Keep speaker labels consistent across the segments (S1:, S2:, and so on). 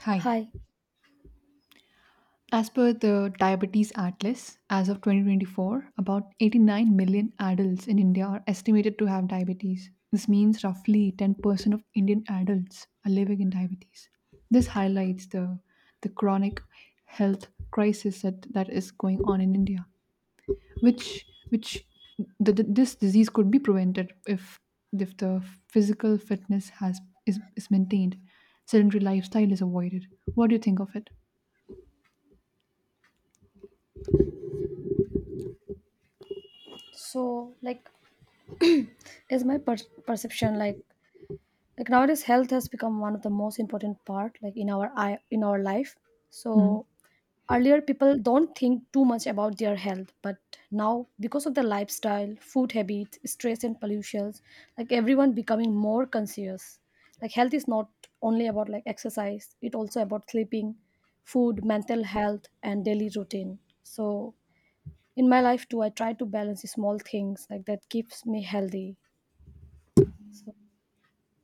S1: Hi.
S2: Hi.
S1: As per the Diabetes Atlas, as of 2024, about 89 million adults in India are estimated to have diabetes. This means roughly 10% of Indian adults are living in diabetes. This highlights the chronic health crisis that, that is going on in India, which the- this disease could be prevented if the physical fitness has, is maintained, sedentary lifestyle is avoided. What do you think of it?
S2: So, like, is my perception like nowadays health has become one of the most important part like in our I in our life. So
S1: Hmm.
S2: earlier people don't think too much about their health, but now because of the lifestyle, food habits, stress and pollutions, like everyone becoming more conscious. Like health is not only about like exercise; it also about sleeping, food, mental health, and daily routine. In my life too, I try to balance the small things like that keeps me healthy. So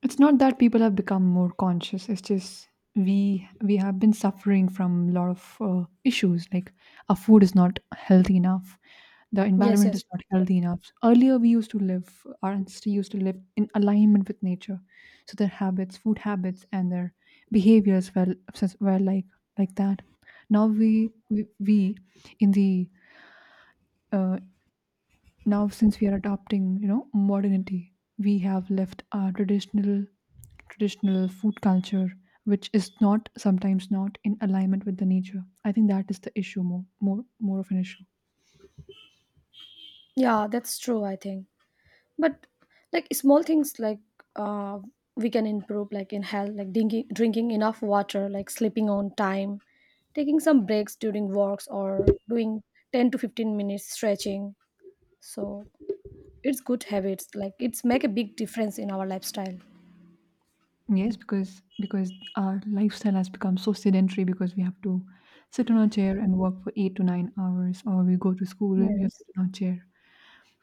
S1: It's not that people have become more conscious. It's just we have been suffering from a lot of issues. Like our food is not healthy enough. The
S2: yes,
S1: environment
S2: yes,
S1: is not healthy enough. Earlier, we used to live. Our ancestors used to live in alignment with nature, so their habits, food habits, and their behaviors were like that. Now we in the uh, now since we are adopting, you know, modernity, we have left our traditional food culture, which is not sometimes not in alignment with the nature. I think that is the issue, more of an issue.
S2: yeah, that's true. I think, but like small things like uh, we can improve like in health, like drinking enough water, like sleeping on time, taking some breaks during walks, or doing 10 to 15 minutes stretching. So it's good habits. Like it's make a big difference in our lifestyle.
S1: Yes, because our lifestyle has become so sedentary because we have to sit on a chair and work for 8 to 9 hours, or we go to school and we have to
S2: Yes.
S1: sit on a chair.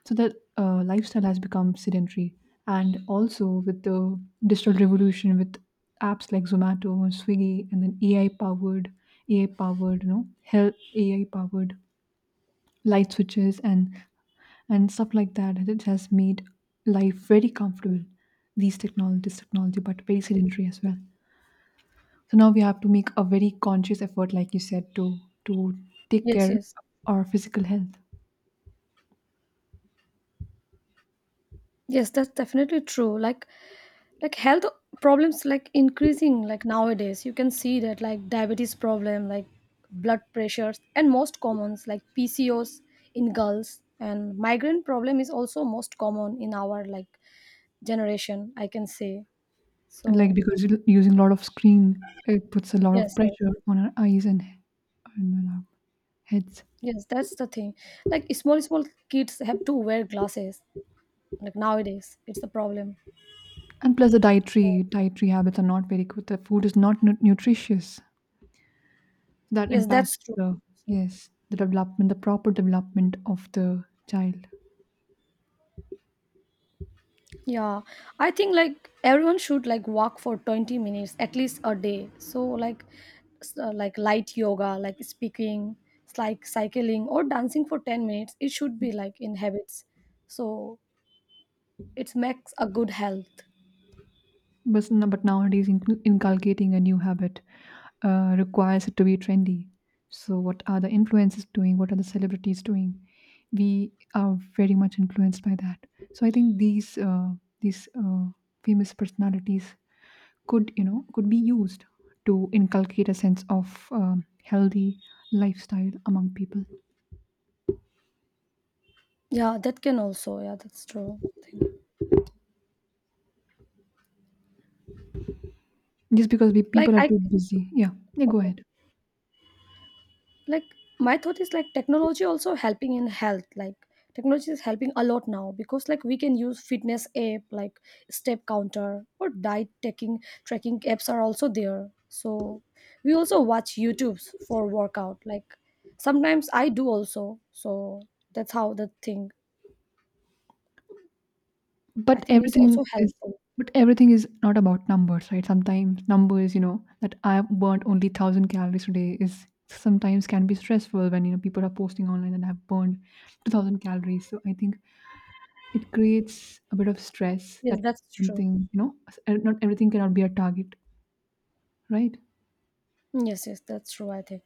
S1: So that lifestyle has become sedentary, and also with the digital revolution, with apps like Zomato, Swiggy, and then ai powered you know, health, ai powered light switches and stuff like that. It has made life very comfortable, these technology this technology, but very sedentary as well. So now we have to make a very conscious effort, like you said, to to take
S2: Yes,
S1: care
S2: yes.
S1: of our physical health.
S2: Yes, that's definitely true. Like health problems like increasing like nowadays you can see that like diabetes problem like blood pressures and most commons like pcos in girls and migraine problem is also most common in our like generation, I can say. So
S1: Like because you're using a lot of screen, it puts a lot of
S2: yes, yes,
S1: pressure on our eyes and on our heads.
S2: yes, that's the thing. Like small kids have to wear glasses like nowadays it's the problem.
S1: And plus, the
S2: So
S1: dietary habits are not very good. The food is not nutritious. That
S2: yes, that's
S1: impacts
S2: true.
S1: the,
S2: So,
S1: yes, the development, the proper development of the child.
S2: yeah, I think like everyone should like walk for 20 minutes at least a day. So like like light yoga, like speaking, like cycling or dancing for 10 minutes, it should be like in habits. So it makes a good health.
S1: But nowadays, inculcating a new habit requires it to be trendy. So, what are the influencers doing? What are the celebrities doing? We are very much influenced by that. So, I think these famous personalities could, you know, could be used to inculcate a sense of healthy lifestyle among people.
S2: Yeah, that can also. Yeah, that's true. Thing.
S1: Just because we
S2: Like
S1: people are
S2: I
S1: too busy. Yeah, yeah. Go
S2: okay.
S1: ahead.
S2: Like my thought is like technology also helping in health, like technology is helping a lot now because like we can use fitness app like step counter or diet taking tracking apps are also there. So we also watch youtubes for workout, like sometimes I do also. So that's how the thing. I
S1: But
S2: think it's also
S1: everything is
S2: helpful.
S1: but everything is not about numbers, right? Sometimes numbers, you know, that I've burned only 1,000 calories today is sometimes can be stressful when, you know, people are posting online that I've burned 2,000 calories. So I think it creates a bit of stress
S2: Yes,
S1: that
S2: that's true.
S1: something, you know, not everything cannot be a target, right?
S2: Yes, yes, that's true, I think.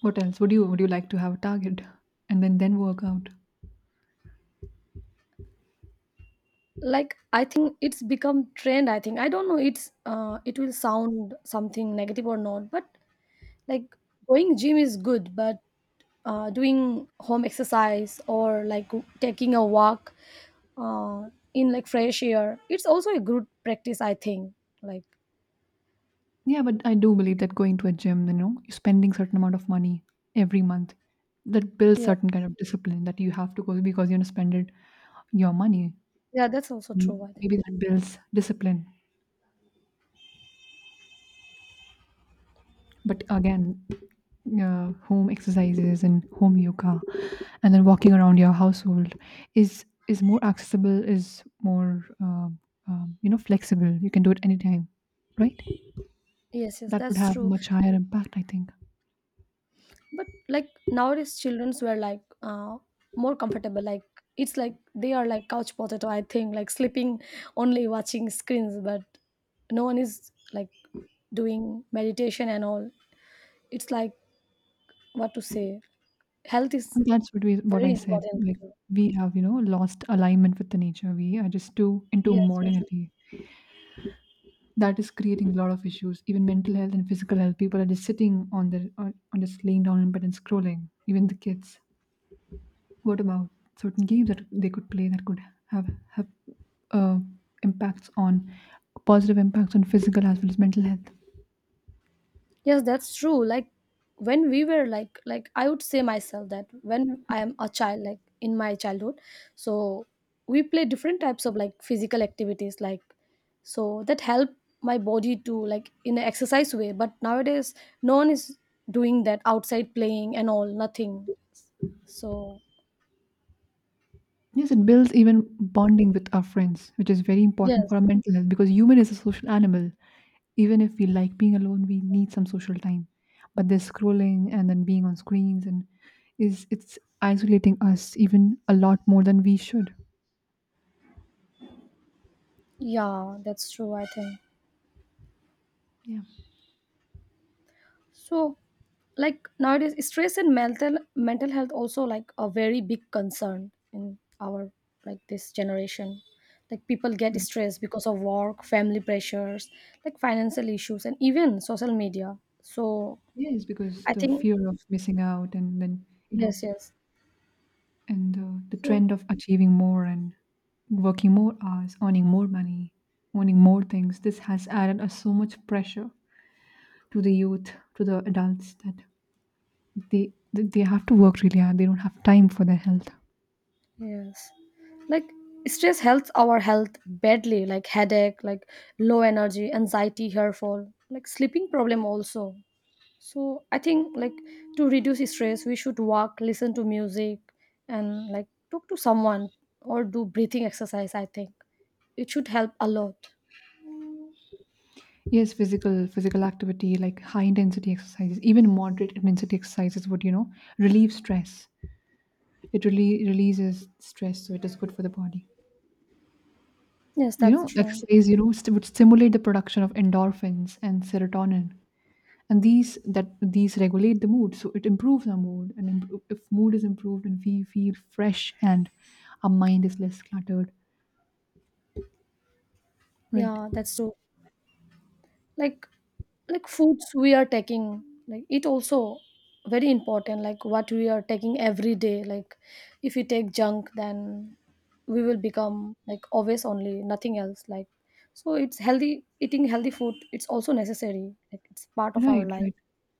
S1: What else? Would you like to have a target and then work out?
S2: Like I think it's become trend. I think I don't know, it's it will sound something negative or not, but like going gym is good but doing home exercise or like taking a walk in like fresh air, it's also a good practice, I think. Like
S1: Yeah, but I do believe that going to a gym, you know, you're spending certain amount of money every month, that builds
S2: yeah,
S1: certain kind of discipline that you have to go because you're gonna spend it your money.
S2: yeah that's also true,
S1: Mm,
S2: I think.
S1: maybe that builds discipline. But again, home exercises and home yoga, and then walking around your household is, more accessible, is more you know, flexible. You can do it anytime, right?
S2: Yes, yes,
S1: That would
S2: that's
S1: have
S2: true.
S1: much higher impact, I think.
S2: But like nowadays childrens were like more comfortable, like it's like they are like couch potato I think, like sleeping only watching screens but no one is like doing meditation and all, it's like what to say, health is
S1: That's what we what
S2: very
S1: I said.
S2: important
S1: Like
S2: too.
S1: we have, you know, lost alignment with the nature. We are just too into
S2: Yes, yes,
S1: modernity. That is creating a lot of issues, even mental health and physical health. People are just sitting on on just laying down in bed and scrolling. Even the kids. What about certain games that they could play that could have have uh, impacts on, positive impacts on, physical as well as mental health?
S2: yes, that's true. Like when we were like I would say myself that when I am a child, like in my childhood, so we play different types of like physical activities, like so that help my body to like in an exercise way, but nowadays no one is doing that outside playing and all nothing. So
S1: Yes, it builds even bonding with our friends, which is very important
S2: yes,
S1: for our mental health because human is a social animal. Even if we like being alone, we need some social time. But this scrolling and then being on screens and is it's isolating us even a lot more than we should.
S2: yeah, that's true, I think.
S1: Yeah.
S2: So, like nowadays, stress and mental health also like a very big concern in our like this generation. Like people get stressed because of work, family pressures, like financial issues, and even social media. So
S1: Yes, because
S2: I
S1: the
S2: think
S1: fear of missing out, and then you know,
S2: yes, yes.
S1: and the
S2: So
S1: trend of achieving more and working more hours, earning more money, owning more things. This has added us so much pressure to the youth, to the adults, that they have to work really hard. They don't have time for their health.
S2: yes, like stress helps our health badly, like headache, like low energy, anxiety, hair fall, like sleeping problem also. So I think like to reduce stress, we should walk, listen to music, and like talk to someone or do breathing exercise. I think it should help a lot.
S1: Yes, physical activity, like high intensity exercises, even moderate intensity exercises, would, you know, relieve stress. It really releases stress, so it is good for the body.
S2: Yes,
S1: You
S2: that's
S1: know,
S2: true.
S1: exercise, you know, would stimulate the production of endorphins and serotonin, and these regulate the mood, so it improves our mood. And improve, if mood is improved, and we feel fresh, and our mind is less cluttered, right?
S2: Yeah, that's true. Like like foods we are taking, like it also very important. Like what we are taking every day. Like if we take junk, then we will become like always only nothing else. Like so, it's healthy eating healthy food. It's also necessary. Like it's part of our
S1: Right,
S2: life.
S1: right.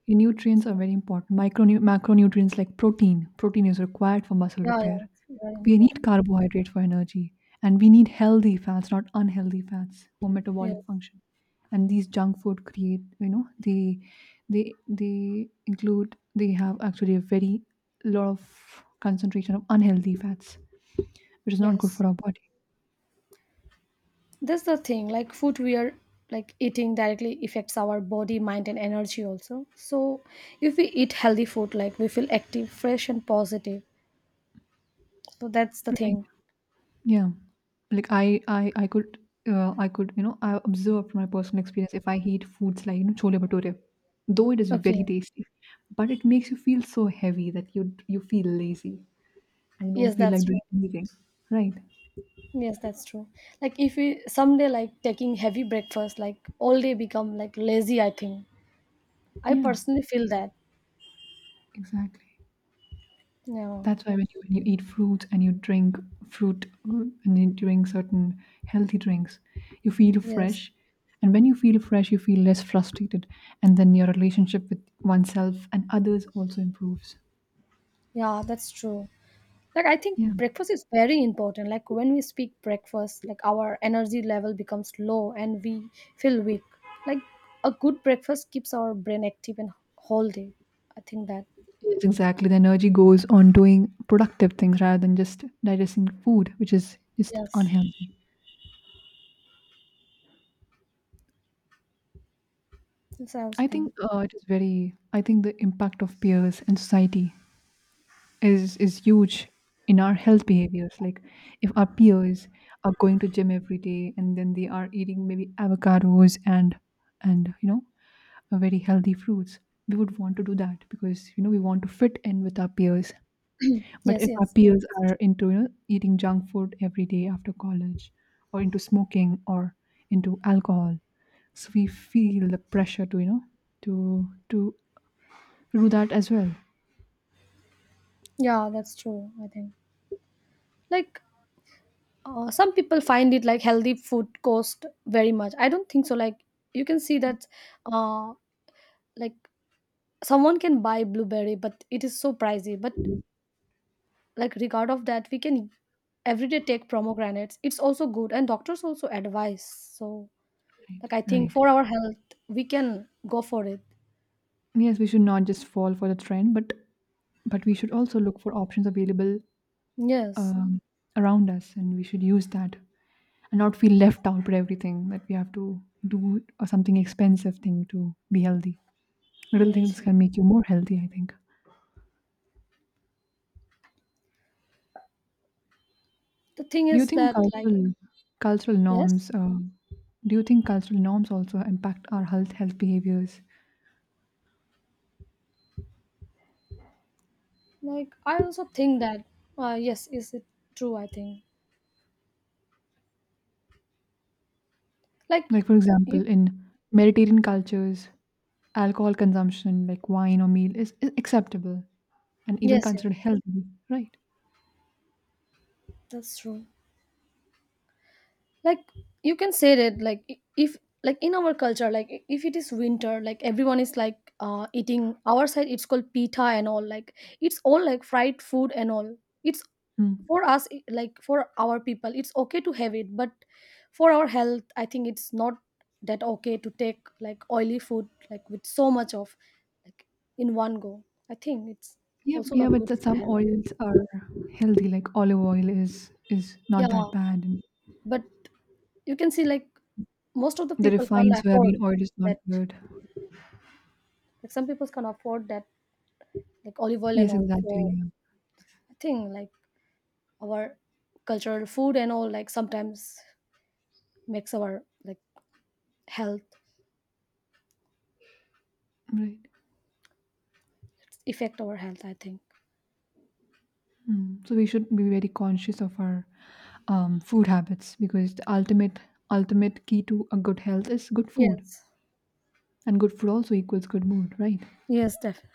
S1: Yeah, nutrients are very important. Micronu macronutrients like protein. Protein is required for muscle
S2: Yeah, yeah,
S1: repair.
S2: it's very
S1: We
S2: important.
S1: need carbohydrate for energy, and we need healthy fats, not unhealthy fats, for
S2: Yes,
S1: metabolic function. And these junk food create, you know, they include, they have actually a very lot of concentration of unhealthy fats, which is not good
S2: yes.
S1: for our body.
S2: That's the thing. Like footwear, like eating directly affects our body, mind, and energy also. So if we eat healthy food, like we feel active, fresh, and positive. So that's the
S1: Right.
S2: thing.
S1: Yeah. Like I could I could, you know, I observed from my personal experience, if I eat foods like, you know, chole bhature, though it is
S2: Okay.
S1: very tasty, but it makes you feel so heavy that you feel lazy and you
S2: Yes,
S1: don't feel
S2: that's
S1: like
S2: true.
S1: doing anything. Right.
S2: Yes, that's true. Like if we someday like taking heavy breakfast, like all day become like lazy. I think I
S1: Yeah,
S2: personally feel that.
S1: exactly.
S2: Yeah.
S1: That's why when you eat fruits and you drink fruit and you drink certain healthy drinks, you feel
S2: Yes.
S1: fresh. And when you feel fresh, you feel less frustrated. And then your relationship with oneself and others also improves.
S2: Yeah, that's true. Like I think
S1: Yeah.
S2: breakfast is very important, like when we speak breakfast, like our energy level becomes low and we feel weak. Like a good breakfast keeps our brain active and whole day, I think that.
S1: Yes, exactly. The energy goes on doing productive things rather than just digesting food, which is just
S2: Yes,
S1: unhealthy.
S2: that's I also
S1: I
S2: think.
S1: think it is very. I think the impact of peers and society is, huge in our health behaviors. Like if our peers are going to gym every day and then they are eating maybe avocados and, you know, very healthy fruits, we would want to do that because, you know, we want to fit in with our peers. But
S2: Yes,
S1: if our
S2: yes,
S1: peers are into, you know, eating junk food every day after college, or into smoking, or into alcohol, so we feel the pressure to, you know, to do that as well.
S2: yeah, that's true, I think. Like some people find it like healthy food cost very much. I don't think so. Like you can see that uh like someone can buy blueberry but it is so pricey, but like regard of that we can every day take pomegranates, it's also good and doctors also advise. So
S1: Right.
S2: like I think
S1: Right.
S2: for our health we can go for it.
S1: Yes, we should not just fall for the trend, but we should also look for options available
S2: Yes,
S1: um, around us, and we should use that and not feel left out with everything that we have to do, or something expensive thing to be healthy. Little
S2: yes,
S1: things
S2: yes,
S1: can make you more healthy, I think.
S2: the thing
S1: Do you
S2: is
S1: think
S2: that like
S1: cultural cultural
S2: yes,
S1: norms? Do you think cultural norms also impact our health behaviors?
S2: like I also think that yes, is it true, I think. Like
S1: Like for
S2: you,
S1: example, in Mediterranean cultures, alcohol consumption, like wine or meal, is, acceptable and even
S2: yes yes,
S1: considered healthy, right?
S2: that's true. Like you can say that like if like in our culture like if it is winter, like everyone is like eating our side it's called pita and all, like it's all like fried food and all, it's
S1: Mm.
S2: for us, like for our people it's okay to have it, but for our health I think it's not that okay to take like oily food like with so much of like in one go, I think it's
S1: Yeah,
S2: also
S1: yeah,
S2: not
S1: but
S2: good
S1: that
S2: for
S1: some
S2: health.
S1: oils are healthy. Like olive oil is,
S2: Yeah,
S1: not that bad, and
S2: but you can see like most of the
S1: the
S2: people can't
S1: refined
S2: afford
S1: soybean oil is not
S2: that.
S1: good.
S2: Like some people can afford that, like olive oil and
S1: Yes,
S2: all.
S1: exactly.
S2: So
S1: Yeah.
S2: I think like our cultural food and all like sometimes makes our like health
S1: Right.
S2: affect our health. I think.
S1: Mm, so we should be very conscious of our food habits, because the ultimate key to a good health is good food,
S2: Yes.
S1: and good food also equals good mood, right?
S2: Yes, definitely.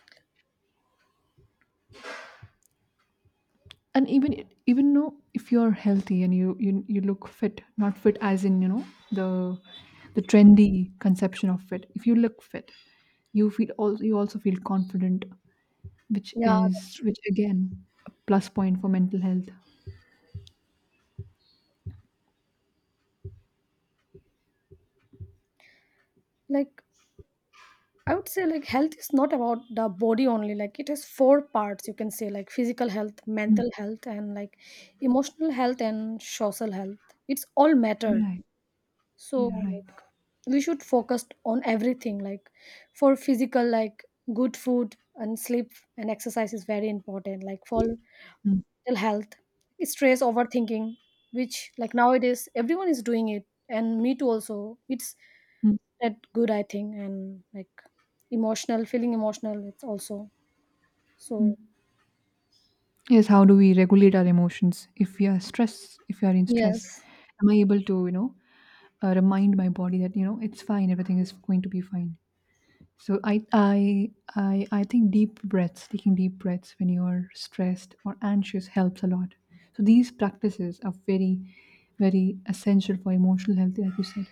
S1: And even though, if you're healthy and you look fit, not fit as in, you know, the the trendy conception of fit. If you look fit, you feel, also you also feel confident, which
S2: Yeah, that's
S1: is,
S2: true.
S1: which again, a plus point for mental health.
S2: Like I would say like health is not about the body only. Like it has four parts you can say, like physical health,
S1: Mm,
S2: mental health and like emotional health and social health. It's all matter.
S1: right.
S2: So
S1: Yeah. Right.
S2: like we should focus on everything, like for physical like good food and sleep and exercise is very important. Like for
S1: Mm.
S2: mental health, stress overthinking, which like nowadays everyone is doing it and me too also, it's
S1: Mm.
S2: that good I think. And like emotional feeling emotional, it's also so
S1: Yes, how do we regulate our emotions if we are stressed, if we are in stress?
S2: yes,
S1: Am I able to, you know, remind my body that, you know, it's fine, everything is going to be fine. So I think deep breaths, taking deep breaths when you're stressed or anxious, helps a lot. So these practices are very, very essential for emotional health, like you said.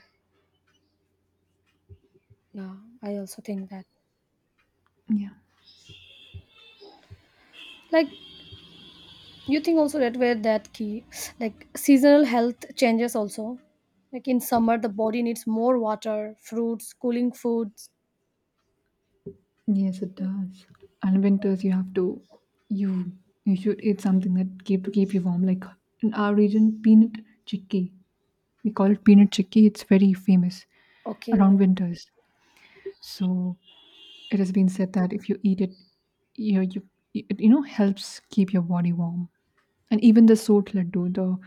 S2: yeah, I also think that
S1: Yeah.
S2: like you think also that where that key, like seasonal health changes also like in summer the body needs more water, fruits, cooling foods.
S1: Yes, it does. And winters, you have to, you you should eat something that keep you warm. Like in our region, peanut chickpea. We call it peanut chickpea. It's very famous
S2: Okay.
S1: around winters. So it has been said that if you eat it, you it you know helps keep your body warm. And even the sort laddu, the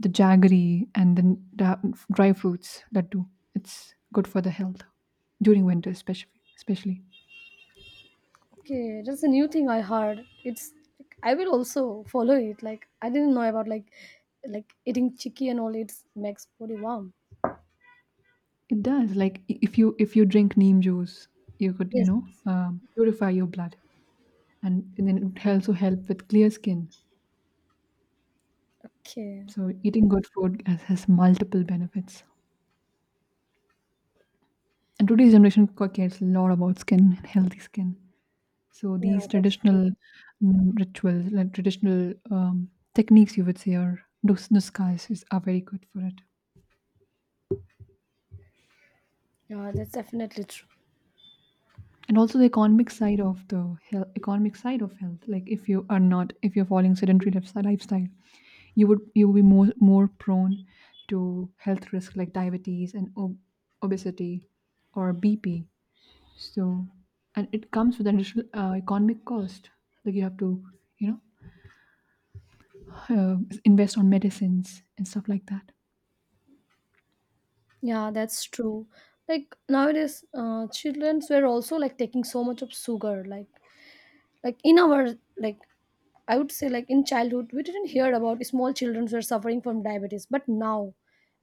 S1: jaggery and the dry fruits laddu, it's good for the health during winter, especially. Especially,
S2: Okay, that's a new thing I heard. It's like, I will also follow it, like I didn't know about like eating chicky and all it makes body warm.
S1: it does. Like, if you, drink neem juice, you could, you
S2: Yes,
S1: know,
S2: yes.
S1: purify your blood, and, then it would also help with clear skin.
S2: Okay.
S1: So eating good food has multiple benefits. And today's generation cares a lot about skin and healthy skin. So
S2: Yeah,
S1: these
S2: that's true.
S1: traditional rituals, like traditional techniques, you would say, are nuskhas are very good for it.
S2: Yeah, that's definitely true.
S1: And also the economic side of the health, economic side of health. Like if you are not, if you're following sedentary lifestyle, you will be more prone to health risk like diabetes and obesity or BP. So, and it comes with an additional economic cost. Like you have to, you know, invest on medicines and stuff like that.
S2: Yeah, that's true. Like nowadays children were also like taking so much of sugar, like in our like I would say like in childhood we didn't hear about small children who are suffering from diabetes, but now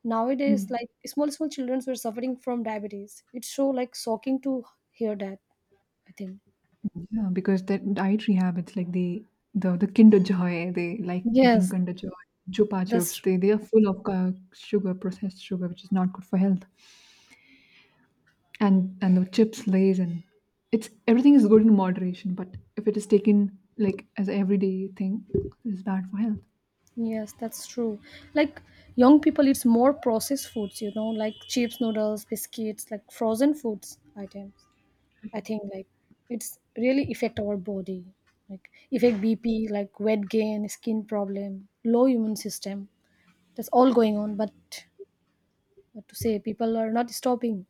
S2: nowadays like small children who are suffering from diabetes. It's so like shocking to hear that, I think.
S1: Yeah, because their dietary habits, like the Kinder Joy, they like eating
S2: Yes,
S1: Kinder Joy, Chupa
S2: that's
S1: Chups.
S2: true.
S1: They are full of sugar, processed sugar, which is not good for health. And the chips, Lays, and it's everything is good in moderation. But if it is taken like as a everyday thing, it's bad for health.
S2: Yes, that's true. Like young people eats more processed foods, you know, like chips, noodles, biscuits, like frozen foods items. I think like it's really affect our body. Like affect BP, like weight gain, skin problem, low immune system. That's all going on, but what to say? People are not stopping.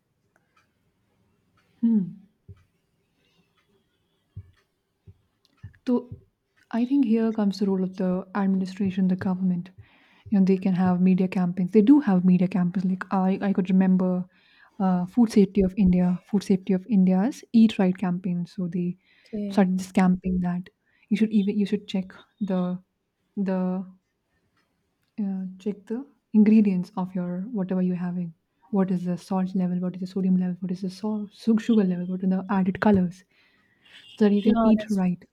S1: So I think here comes the role of the administration, the government. You know, they can have media campaigns. They do have media campaigns. Like I could remember Food Safety of India, Food Safety of India's Eat Right campaign. So they
S2: Okay.
S1: started this campaign that you should check the the check the ingredients of your whatever you're having. What is the salt level? What is the sodium level? What is the salt, sugar level? What are the added colors? So that you can
S2: No,
S1: eat
S2: that's
S1: right.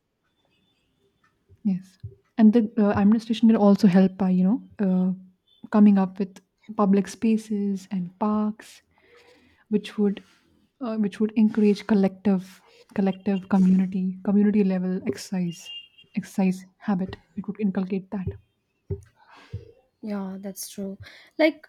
S1: Yes, and the administration can also help by coming up with public spaces and parks, which would which would encourage collective community level exercise habit. It would inculcate that.
S2: yeah, that's true. Like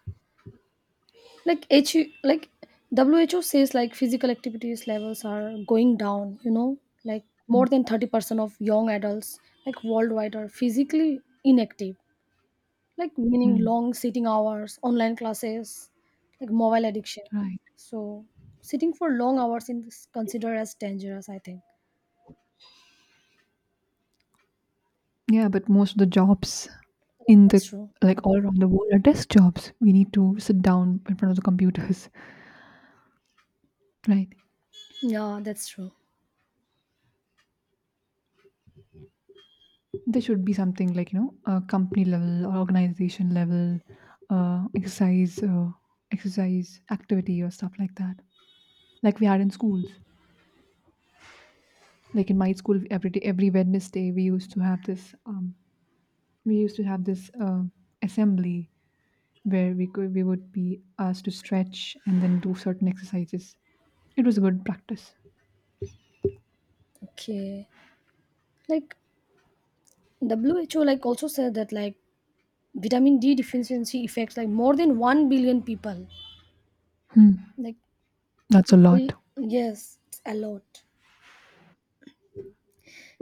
S2: like H like WHO says like physical activities levels are going down, you know? Like more than 30% of young adults like worldwide are physically inactive. Like meaning
S1: Hmm.
S2: long sitting hours, online classes, like mobile addiction.
S1: Right.
S2: So sitting for long hours in this considered as dangerous, I think.
S1: Yeah, but most of the jobs
S2: Yeah,
S1: in
S2: that's
S1: the
S2: true.
S1: like all around the world are desk jobs. We need to sit down in front of the computers, right?
S2: Yeah, that's true.
S1: There should be something like company level or organization level exercise exercise activity or stuff like that, like we had in schools. Like in my school every day, every Wednesday we used to have this we used to have this uh, assembly where we would be asked to stretch and then do certain exercises. It was a good practice.
S2: Okay. Like WHO like also said that like vitamin D deficiency affects like more than 1 billion people. Like
S1: That's a
S2: it's
S1: lot.
S2: very, yes, it's a lot.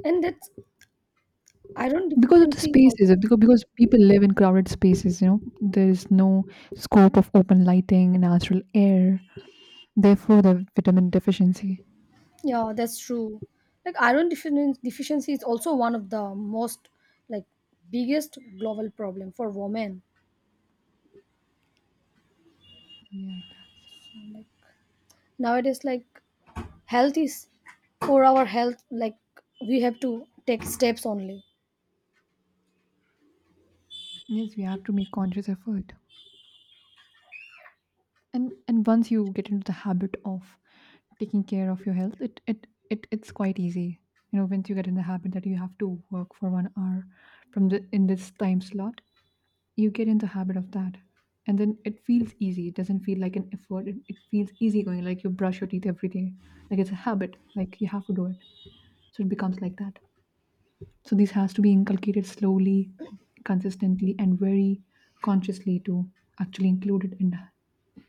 S2: And that's iron
S1: Because of the
S2: deficiency is
S1: spaces,
S2: also
S1: because people live in crowded spaces, you know, there is no scope of open lighting, natural air, therefore the vitamin deficiency.
S2: yeah, that's true. Like deficiency is also one of the most like biggest global problem for women.
S1: Yeah, it does.
S2: Nowadays like health is for our health like we have to take steps only.
S1: Yes, we have to make conscious effort. And once you get into the habit of taking care of your health, it's quite easy. You know, once you get in the habit that you have to work for 1 hour from the in this time slot, you get in the habit of that, and then it feels easy. It doesn't feel like an effort. It feels easy going, like you brush your teeth every day. Like it's a habit, like you have to do it. So it becomes like that. So this has to be inculcated slowly, consistently, and very consciously to actually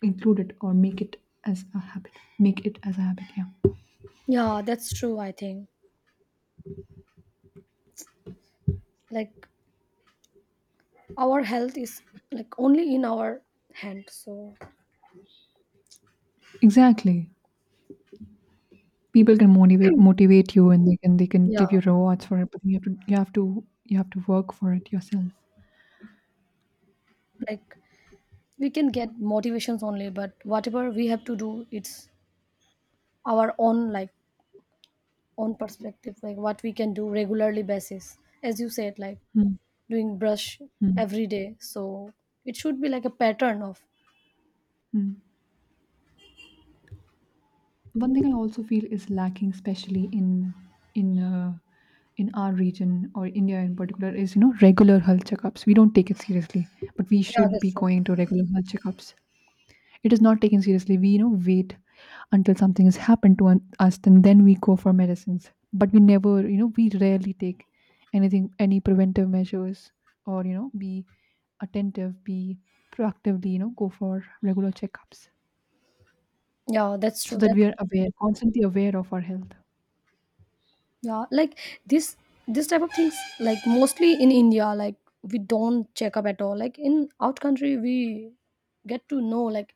S1: include it or make it as a habit, make it as a habit, yeah.
S2: Yeah, that's true I think. Like our health is like only in our hand. So
S1: Exactly. People can motivate you, and they can
S2: yeah,
S1: give you rewards for it, but you have to work for it yourself.
S2: like we can get motivations only, but whatever we have to do it's our own, like own perspective, like what we can do regularly basis, as you said, like
S1: Hmm,
S2: doing brush
S1: hmm,
S2: every day, so it should be like a pattern of
S1: hmm. One thing I also feel is lacking especially in in our region, or India in particular, is you know regular health checkups. We don't take it seriously, but we
S2: yeah
S1: should
S2: that's
S1: be
S2: true,
S1: going to regular health checkups. It is not taken seriously. We, you know, wait until something has happened to us, and then we go for medicines. But we never, you know, we rarely take anything, any preventive measures, or you know, be attentive, be proactively, you know, go for regular checkups,
S2: yeah, that's
S1: so
S2: true,
S1: that
S2: that's
S1: we are aware, constantly aware of our health.
S2: yeah, like this this type of things like mostly in India like we don't check up at all. Like in out country we get to know like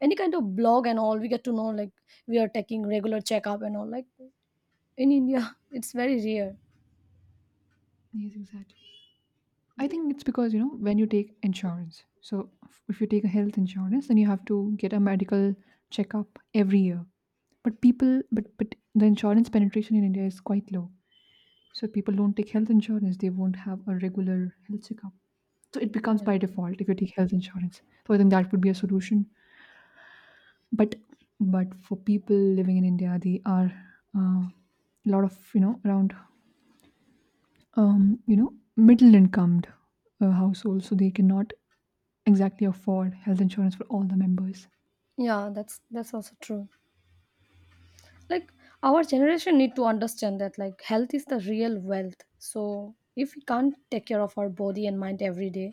S2: any kind of blog and all we get to know like we are taking regular checkup and all like in India it's very rare.
S1: Yes, exactly. I think it's because, you know, when you take insurance, so if you take a health insurance, then you have to get a medical checkup every year. But but the insurance penetration in India is quite low. So people don't take health insurance; they won't have a regular health checkup. So it becomes
S2: Yeah,
S1: by default if you take health insurance. So I think that would be a solution. But but for people living in India, they are uh, a lot of you know around you know middle incomed households, so they cannot exactly afford health insurance for all the members.
S2: yeah that's also true. Like our generation need to understand that like health is the real wealth, so if we can't take care of our body and mind every day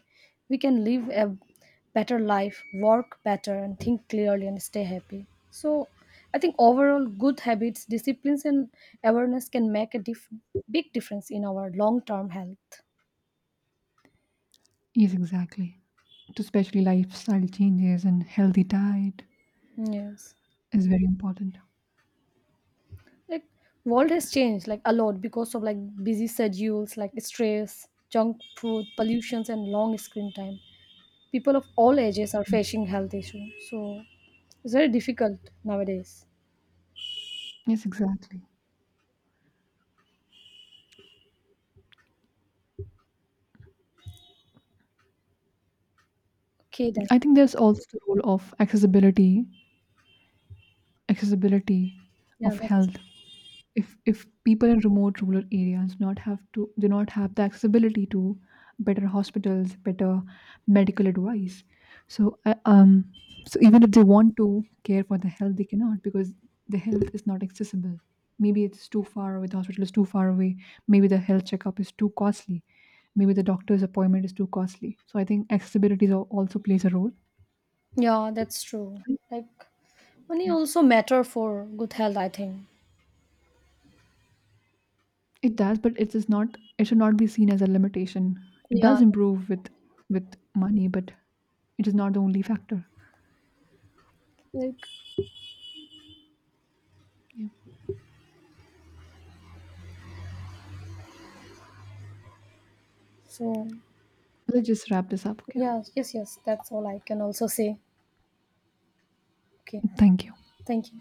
S2: we can live a better life, work better and think clearly and stay happy. So I think overall good habits, disciplines and awareness can make a big difference in our long term health.
S1: Yes, exactly. To especially lifestyle changes and healthy diet
S2: Yes,
S1: is very important.
S2: like world has changed like a lot because of like busy schedules, like stress, junk food, pollutions and long screen time, people of all ages are facing health issues. So it's very difficult nowadays.
S1: Yes, exactly.
S2: Okay then.
S1: I think there's also the role of accessibility
S2: Yeah,
S1: of
S2: that's
S1: health. If people in remote rural areas not have the accessibility to better hospitals, better medical advice, so so even if they want to care for the health, they cannot because the health is not accessible. Maybe it's too far away, the hospital is too far away. Maybe the health checkup is too costly. Maybe the doctor's appointment is too costly. So I think accessibility also plays a role.
S2: yeah, that's true. Like money
S1: Yeah.
S2: also matter for good health, I think.
S1: It does, but it is not. It should not be seen as a limitation. It
S2: Yeah.
S1: does improve with money, but it is not the only factor.
S2: Like
S1: Yeah.
S2: so
S1: Let's just wrap this up. Okay.
S2: yeah, yes, yes, that's all I can also say. Okay.
S1: Thank you.
S2: Thank you.